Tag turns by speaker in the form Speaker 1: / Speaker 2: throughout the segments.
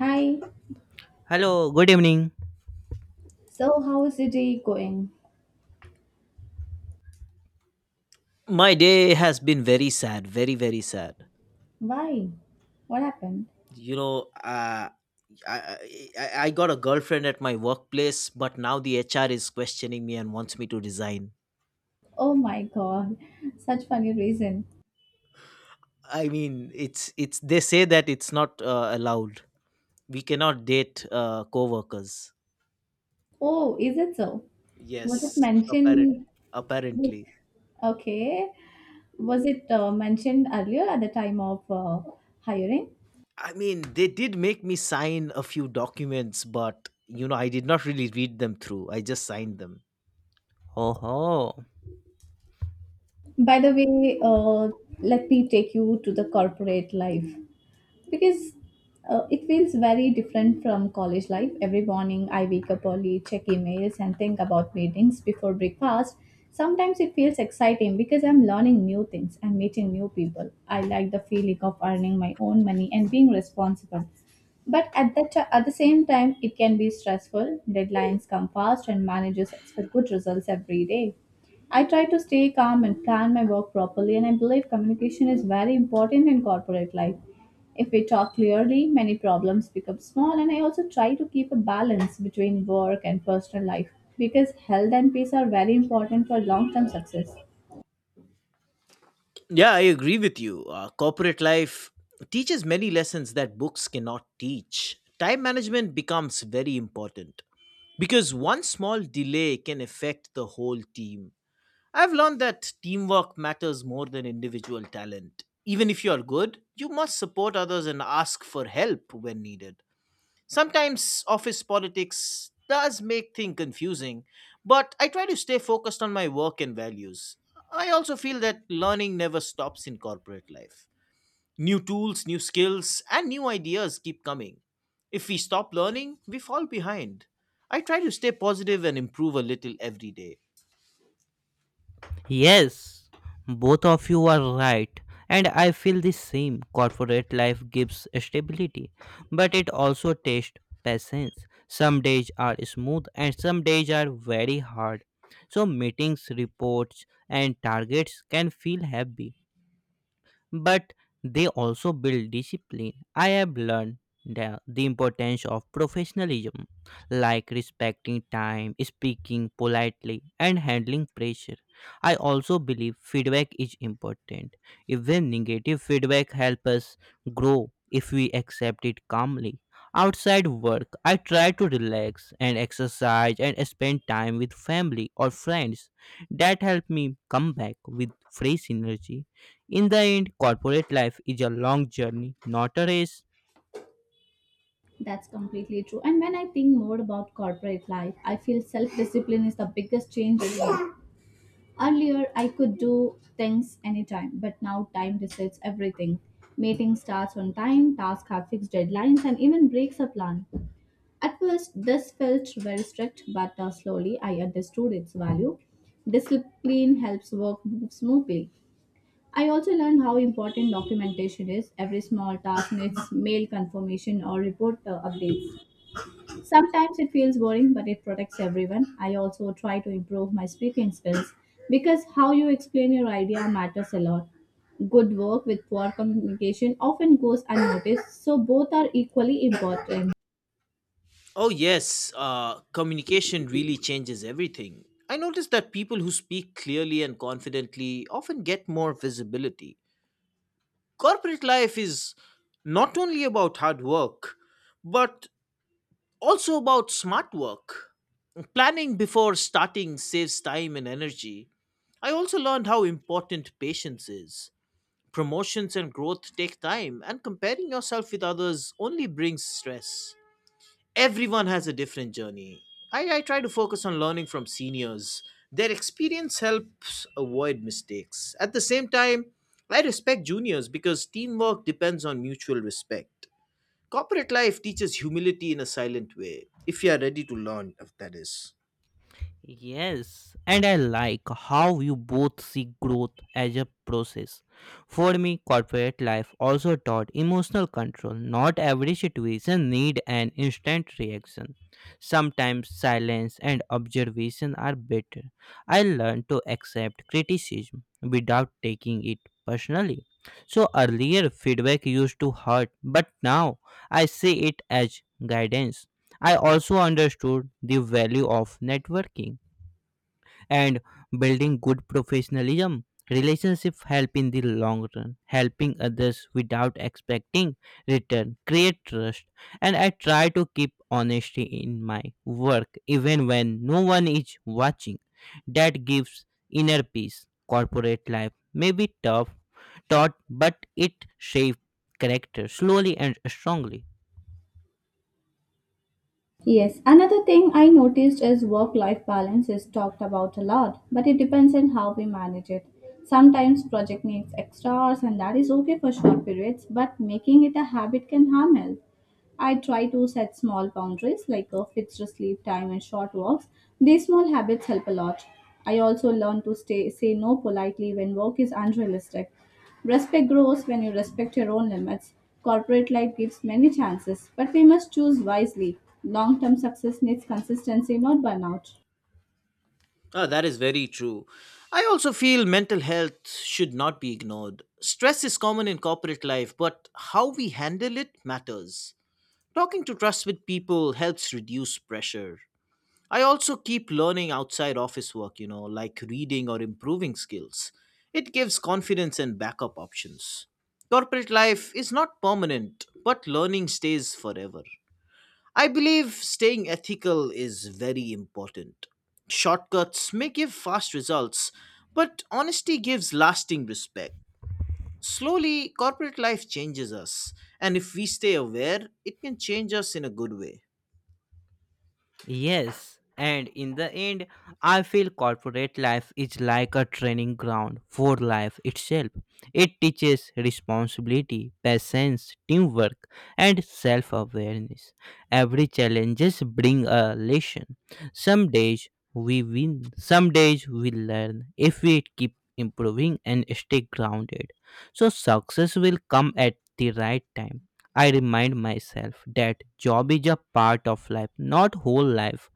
Speaker 1: Hi.
Speaker 2: Hello, good evening.
Speaker 1: So, how is the day going?
Speaker 3: My day has been very sad, very, very sad.
Speaker 1: Why? What happened?
Speaker 3: You know, uh, I, I I got a girlfriend at my workplace, but now the HR is questioning me and wants me to resign.
Speaker 1: Oh my god. Such funny reason.
Speaker 3: I mean, it's they say that it's not allowed. We cannot date co-workers.
Speaker 1: Oh, is it so? Was it
Speaker 3: Yes,
Speaker 1: mentioned?
Speaker 3: apparently.
Speaker 1: Okay. Was it mentioned earlier at the time of hiring?
Speaker 3: I mean, they did make me sign a few documents, but you know, I did not really read them through. I just signed them.
Speaker 2: Oh, oh,
Speaker 1: By the way, let me take you to the corporate life, because it feels very different from college life. Every morning I wake up early, check emails, and think about meetings before breakfast. Sometimes it feels exciting because I'm learning new things and meeting new people. I like the feeling of earning my own money and being responsible. But at the same time, it can be stressful. Deadlines come fast, and managers expect good results every day. I try to stay calm and plan my work properly, and I believe communication is very important in corporate life. If we talk clearly, many problems become small, and I also try to keep a balance between work and personal life because health and peace are very important for long term success.
Speaker 3: Yeah, I agree with you. Corporate life teaches many lessons that books cannot teach. Time management becomes very important because one small delay can affect the whole team. I've learned that teamwork matters more than individual talent. Even if you're good, you must support others and ask for help when needed. Sometimes office politics does make things confusing, but I try to stay focused on my work and values. I also feel that learning never stops in corporate life. New tools, new skills, and new ideas keep coming. If we stop learning, we fall behind. I try to stay positive and improve a little every day.
Speaker 2: yes, both of you are right. And I feel the same. Corporate life gives stability, but it also tests patience. Some days are smooth and some days are very hard. So, meetings, reports, and targets can feel heavy, but they also build discipline. I have learned the importance of professionalism, like respecting time, speaking politely, and handling pressure. I also believe feedback is important. Even negative feedback helps us grow if we accept it calmly. Outside work, I try to relax and exercise and spend time with family or friends. That help me come back with fresh energy. In the end, corporate life is a long journey, not a race.
Speaker 1: That's completely true. And when I think more about corporate life, I feel self discipline is the biggest change in me. Earlier, I could do things anytime, but now time decides everything. Meeting starts on time, tasks have fixed deadlines, and even breaks are planned. At first, this felt very strict, but slowly I understood its value. Discipline helps work move smoothly. I also learned how important documentation is. Every small task needs mail confirmation or report updates. Sometimes it feels boring, but it protects everyone. I also try to improve my speaking skills because how you explain your idea matters a lot. Good work with poor communication often goes unnoticed, so both are equally important.
Speaker 3: Oh, yes, communication really changes everything. I notice that people who speak clearly and confidently often get more visibility. Corporate life is not only about hard work, but also about smart work. Planning before starting saves time and energy. I also learned how important patience is. Promotions and growth take time, and comparing yourself with others only brings stress. Everyone has a different journey. I try to focus on learning from seniors. Their experience helps avoid mistakes. At the same time, I respect juniors because teamwork depends on mutual respect. Corporate life teaches humility in a silent way, if you are ready to learn, if that is.
Speaker 2: Yes, and I like how you both see growth as a process. For me, corporate life also taught emotional control. Not every situation need an instant reaction. Sometimes silence and observation are better. I learned to accept criticism without taking it personally. So earlier feedback used to hurt, but now I see it as guidance. I also understood the value of networking and building good professionalism relationship help in the long run, helping others without expecting return create trust. And I try to keep honesty in my work even when no one is watching. That gives inner peace. Corporate life may be tough, taught, but it shapes character slowly and strongly.
Speaker 1: Yes, another thing I noticed is work life balance is talked about a lot, but it depends on how we manage it. Sometimes project needs extra hours and that is okay for short periods, but making it a habit can harm health. I try to set small boundaries like a fixed sleep time and short walks. These small habits help a lot. I also learn to say no politely when work is unrealistic. Respect grows when you respect your own limits. Corporate life gives many chances, but we must choose wisely. Long term success needs consistency, not burnout.
Speaker 3: Ah, that is very true. I also feel mental health should not be ignored. Stress is common in corporate life, but how we handle it matters. Talking to trusted people helps reduce pressure. I also keep learning outside office work, you know, like reading or improving skills. It gives confidence and backup options. Corporate life is not permanent, but learning stays forever. I believe staying ethical is very important. Shortcuts may give fast results, but honesty gives lasting respect. Slowly, corporate life changes us, and if we stay aware, it can change us in a good way.
Speaker 2: Yes, and in the end, I feel corporate life is like a training ground for life itself. It teaches responsibility, patience, teamwork, and self-awareness. Every challenges bring a lesson. Some days we win, some days we learn. If we keep improving and stay grounded, so success will come at the right time. I remind myself that job is a part of life, not whole life.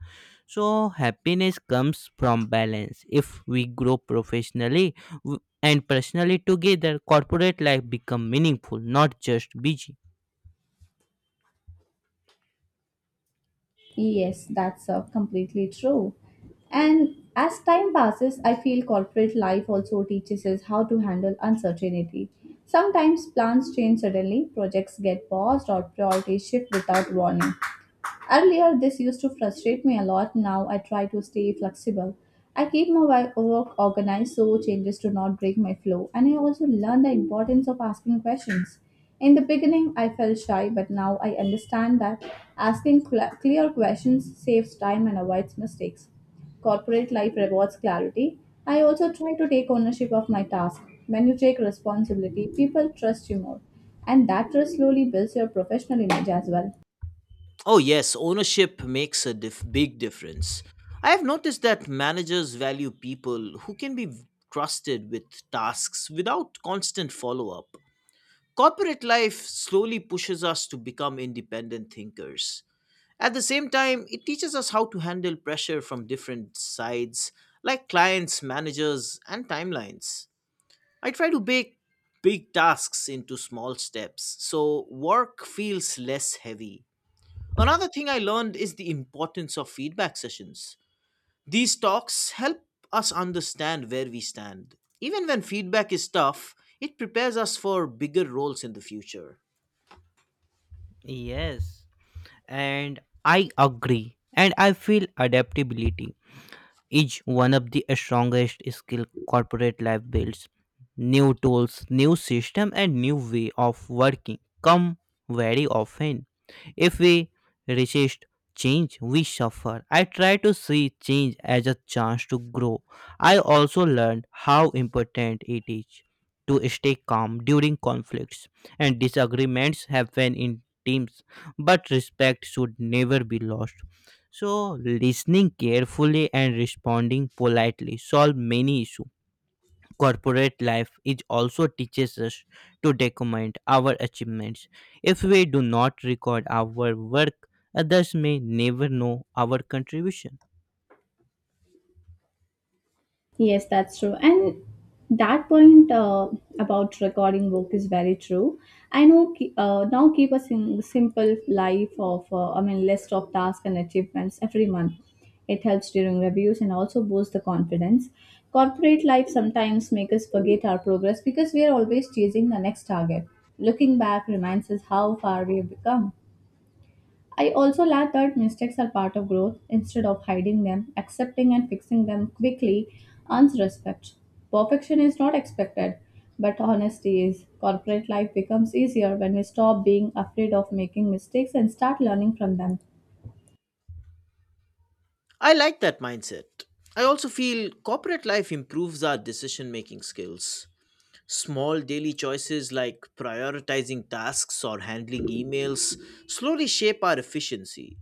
Speaker 2: So happiness comes from balance. If we grow professionally and personally together, corporate life become meaningful, not just busy.
Speaker 1: Yes, that's completely true. And as time passes, I feel corporate life also teaches us how to handle uncertainty. Sometimes plans change suddenly, projects get paused, or priorities shift without warning. Earlier, this used to frustrate me a lot. Now I try to stay flexible. I keep my work organized so changes do not break my flow, and I also learn the importance of asking questions. In the beginning, I felt shy, but now I understand that asking clear questions saves time and avoids mistakes. Corporate life rewards clarity. I also try to take ownership of my task. When you take responsibility, people trust you more, and that trust slowly builds your professional image as well.
Speaker 3: Oh, yes, ownership makes a big difference. I have noticed that managers value people who can be trusted with tasks without constant follow up. Corporate life slowly pushes us to become independent thinkers. At the same time, it teaches us how to handle pressure from different sides, like clients, managers, and timelines. I try to bake big tasks into small steps so work feels less heavy. Another thing I learned is the importance of feedback sessions. These talks help us understand where we stand. Even when feedback is tough, it prepares us for bigger roles in the future.
Speaker 2: Yes, and I agree. And I feel adaptability is one of the strongest skill corporate life builds. New tools, new system and new way of working come very often. If we resist change, we suffer. I try to see change as a chance to grow. I also learned how important it is to stay calm during conflicts and disagreements happen in teams, but respect should never be lost. So, listening carefully and responding politely solve many issues. Corporate life is also teaches us to document our achievements. If we do not record our work, others may never know our contribution.
Speaker 1: Yes, that's true. And that point about recording work is very true. I know now keep a simple life of, list of tasks and achievements every month. It helps during reviews and also boosts the confidence. Corporate life sometimes make us forget our progress because we are always chasing the next target. Looking back reminds us how far we have become. I also learned that mistakes are part of growth. Instead of hiding them, accepting and fixing them quickly earns respect. Perfection is not expected, but honesty is. Corporate life becomes easier when we stop being afraid of making mistakes and start learning from them.
Speaker 3: I like that mindset. I also feel corporate life improves our decision making skills. Small daily choices like prioritizing tasks or handling emails slowly shape our efficiency.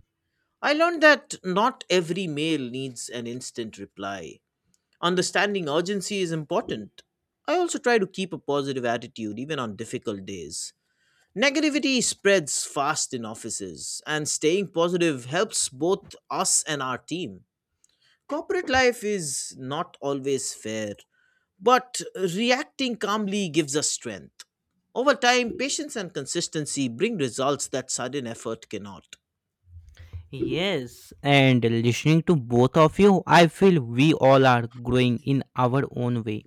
Speaker 3: I learned that not every mail needs an instant reply. Understanding urgency is important. I also try to keep a positive attitude even on difficult days. Negativity spreads fast in offices, and staying positive helps both us and our team. Corporate life is not always fair, but reacting calmly gives us strength. Over time, patience and consistency bring results that sudden effort cannot.
Speaker 2: Yes, and listening to both of you, I feel we all are growing in our own way.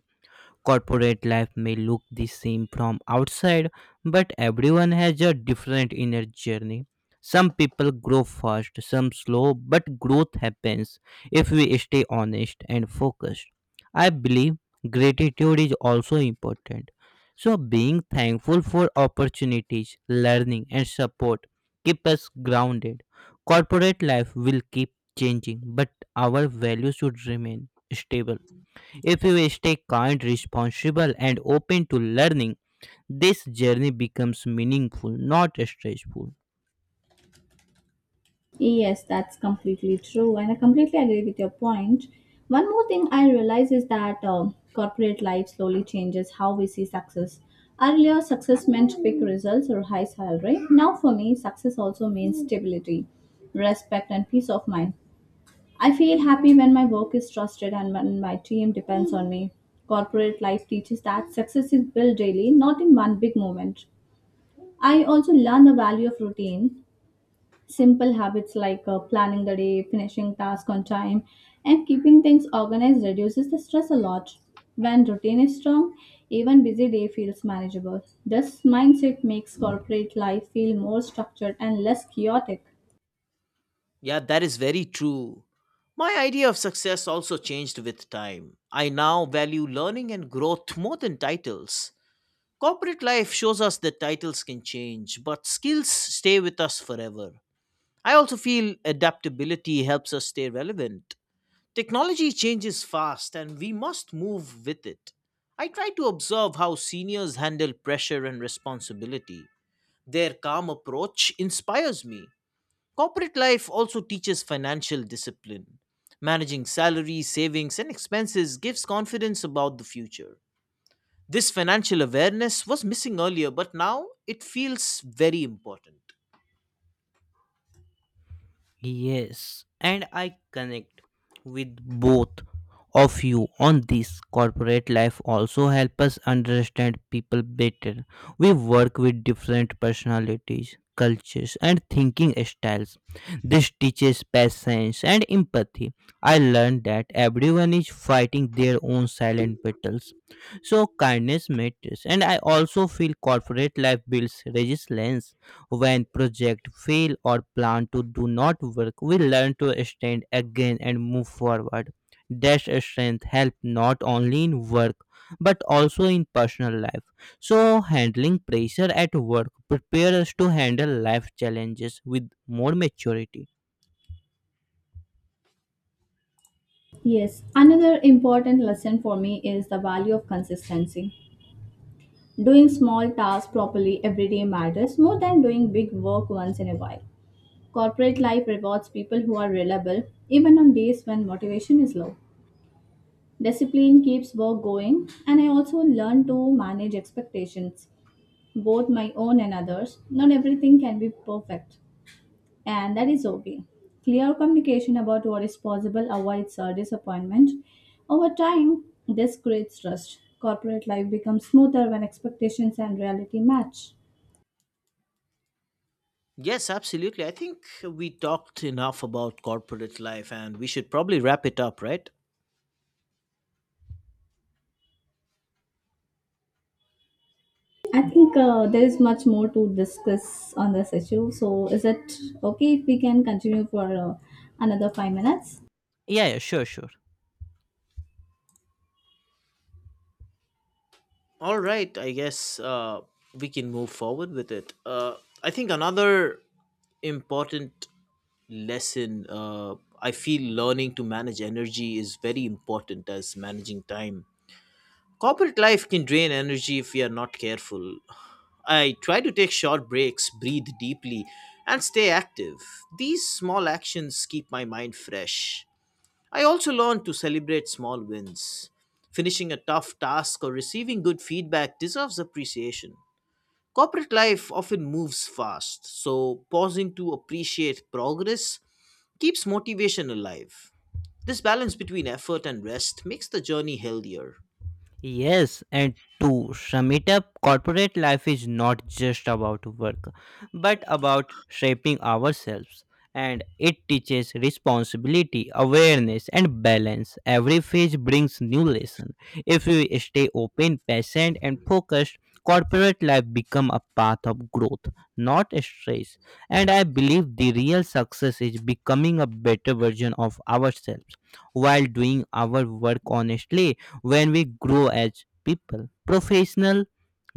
Speaker 2: Corporate life may look the same from outside, but everyone has a different inner journey. Some people grow fast, some slow, but growth happens if we stay honest and focused. I believe gratitude is also important. So, being thankful for opportunities, learning, and support keep us grounded. Corporate life will keep changing, but our values should remain stable. If you stay kind, responsible, and open to learning, this journey becomes meaningful, not stressful.
Speaker 1: Yes, that's completely true, and I completely agree with your point. One more thing I realize is that corporate life slowly changes how we see success. Earlier, success meant quick results or high salary. Now, for me, success also means stability, respect, and peace of mind. I feel happy when my work is trusted and when my team depends on me. Corporate life teaches that success is built daily, not in one big moment. I also learn the value of routine. Simple habits like planning the day, finishing tasks on time, and keeping things organized reduces the stress a lot. When routine is strong, even busy day feels manageable. This mindset makes corporate life feel more structured and less chaotic.
Speaker 3: Yeah, that is very true. My idea of success also changed with time. I now value learning and growth more than titles. Corporate life shows us that titles can change, but skills stay with us forever. I also feel adaptability helps us stay relevant. Technology changes fast and we must move with it. I try to observe how seniors handle pressure and responsibility. Their calm approach inspires me. Corporate life also teaches financial discipline. Managing salaries, savings, and expenses gives confidence about the future. This financial awareness was missing earlier, but now it feels very important.
Speaker 2: Yes, and I connect with both of you on this. Corporate life also help us understand people better. We work with different personalities, cultures, and thinking styles. This teaches patience and empathy. I learned that everyone is fighting their own silent battles. So kindness matters, and I also feel corporate life builds resilience. When projects fail or plan to do not work, we learn to stand again and move forward. That strength helps not only in work but also in personal life. So, handling pressure at work prepares us to handle life challenges with more maturity.
Speaker 1: Yes, another important lesson for me is the value of consistency. Doing small tasks properly every day matters more than doing big work once in a while. Corporate life rewards people who are reliable even on days when motivation is low. Discipline keeps work going, and I also learn to manage expectations, both my own and others. Not everything can be perfect, and that is okay. Clear communication about what is possible avoids disappointment. Over time, this creates trust. Corporate life becomes smoother when expectations and reality match.
Speaker 3: Yes, absolutely. I think we talked enough about corporate life and we should probably wrap it up, right?
Speaker 1: I think there is much more to discuss on this issue. So, is it okay if we can continue for another 5 minutes?
Speaker 2: Yeah, yeah, sure, sure.
Speaker 3: All right, I guess we can move forward with it. I think another important lesson, I feel learning to manage energy is very important as managing time. Corporate life can drain energy if we are not careful. I try to take short breaks, breathe deeply, and stay active. These small actions keep my mind fresh. I also learned to celebrate small wins. Finishing a tough task or receiving good feedback deserves appreciation. Corporate life often moves fast, so pausing to appreciate progress keeps motivation alive. This balance between effort and rest makes the journey healthier.
Speaker 2: Yes, and to sum it up, corporate life is not just about work, but about shaping ourselves. And it teaches responsibility, awareness, and balance. Every phase brings new lesson. If we stay open, patient, and focused, corporate life become a path of growth, not stress. And I believe the real success is becoming a better version of ourselves while doing our work honestly. When we grow as people, professional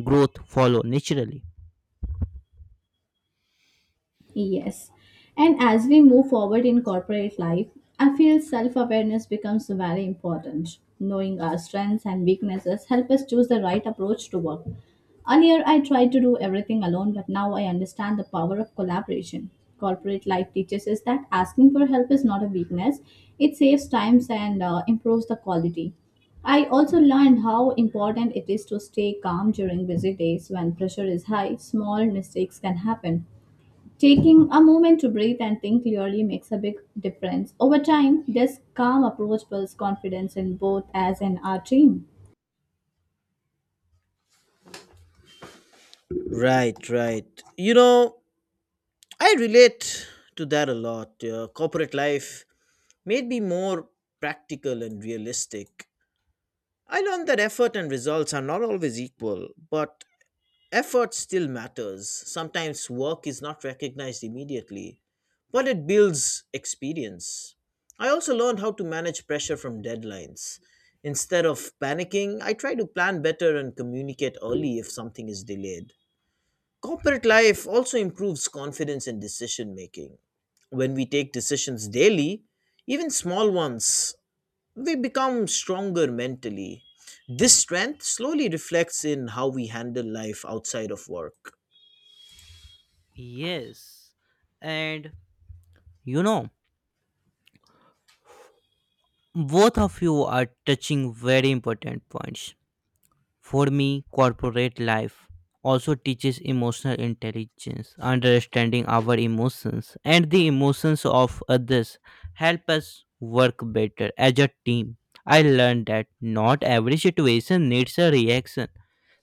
Speaker 2: growth follow naturally.
Speaker 1: Yes. And as we move forward in corporate life, I feel self awareness becomes very important. Knowing our strengths and weaknesses help us choose the right approach to work. Earlier, I tried to do everything alone, but now I understand the power of collaboration. Corporate life teaches us that asking for help is not a weakness, it saves times and improves the quality. I also learned how important it is to stay calm during busy days when pressure is high, small mistakes can happen. Taking a moment to breathe and think clearly makes a big difference. Over time, this calm approach builds confidence in both us and our team.
Speaker 3: Right, right. You know, I relate to that a lot. Corporate life made me more practical and realistic. I learned that effort and results are not always equal, but effort still matters. Sometimes work is not recognized immediately, but it builds experience. I also learned how to manage pressure from deadlines. Instead of panicking, I try to plan better and communicate early if something is delayed. Corporate life also improves confidence in decision making. When we take decisions daily, even small ones, we become stronger mentally. This strength slowly reflects in how we handle life outside of work.
Speaker 2: Yes. And you know, both of you are touching very important points. For me, corporate life also teaches emotional intelligence. Understanding our emotions and the emotions of others help us work better as a team. I learned that not every situation needs a reaction.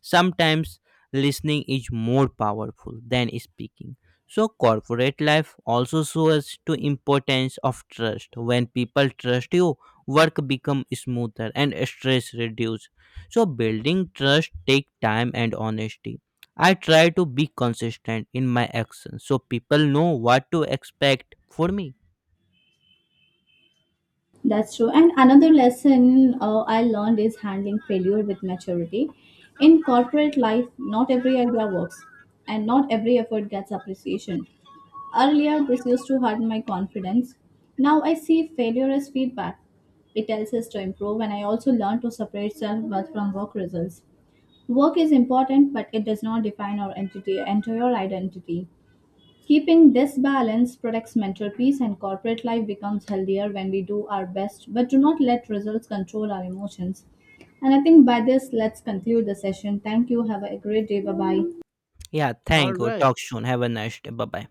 Speaker 2: Sometimes listening is more powerful than speaking. So corporate life also shows to importance of trust. When people trust you, work become smoother and stress reduces. So building trust take time and honesty. I try to be consistent in my actions so people know what to expect for me.
Speaker 1: That's true. And another lesson I learned is handling failure with maturity. In corporate life, not every idea works, and not every effort gets appreciation. Earlier, this used to hurt my confidence. Now I see failure as feedback. It tells us to improve, and I also learn to separate self worth from work results. Work is important, but it does not define our entire identity. Keeping this balance protects mental peace, and corporate life becomes healthier when we do our best but do not let results control our emotions. And I think by this, let's conclude the session. Thank you. Have a great day. Bye bye.
Speaker 2: Yeah,
Speaker 3: All
Speaker 2: thank you.
Speaker 3: right.
Speaker 2: Talk soon. Have a nice day. Bye bye.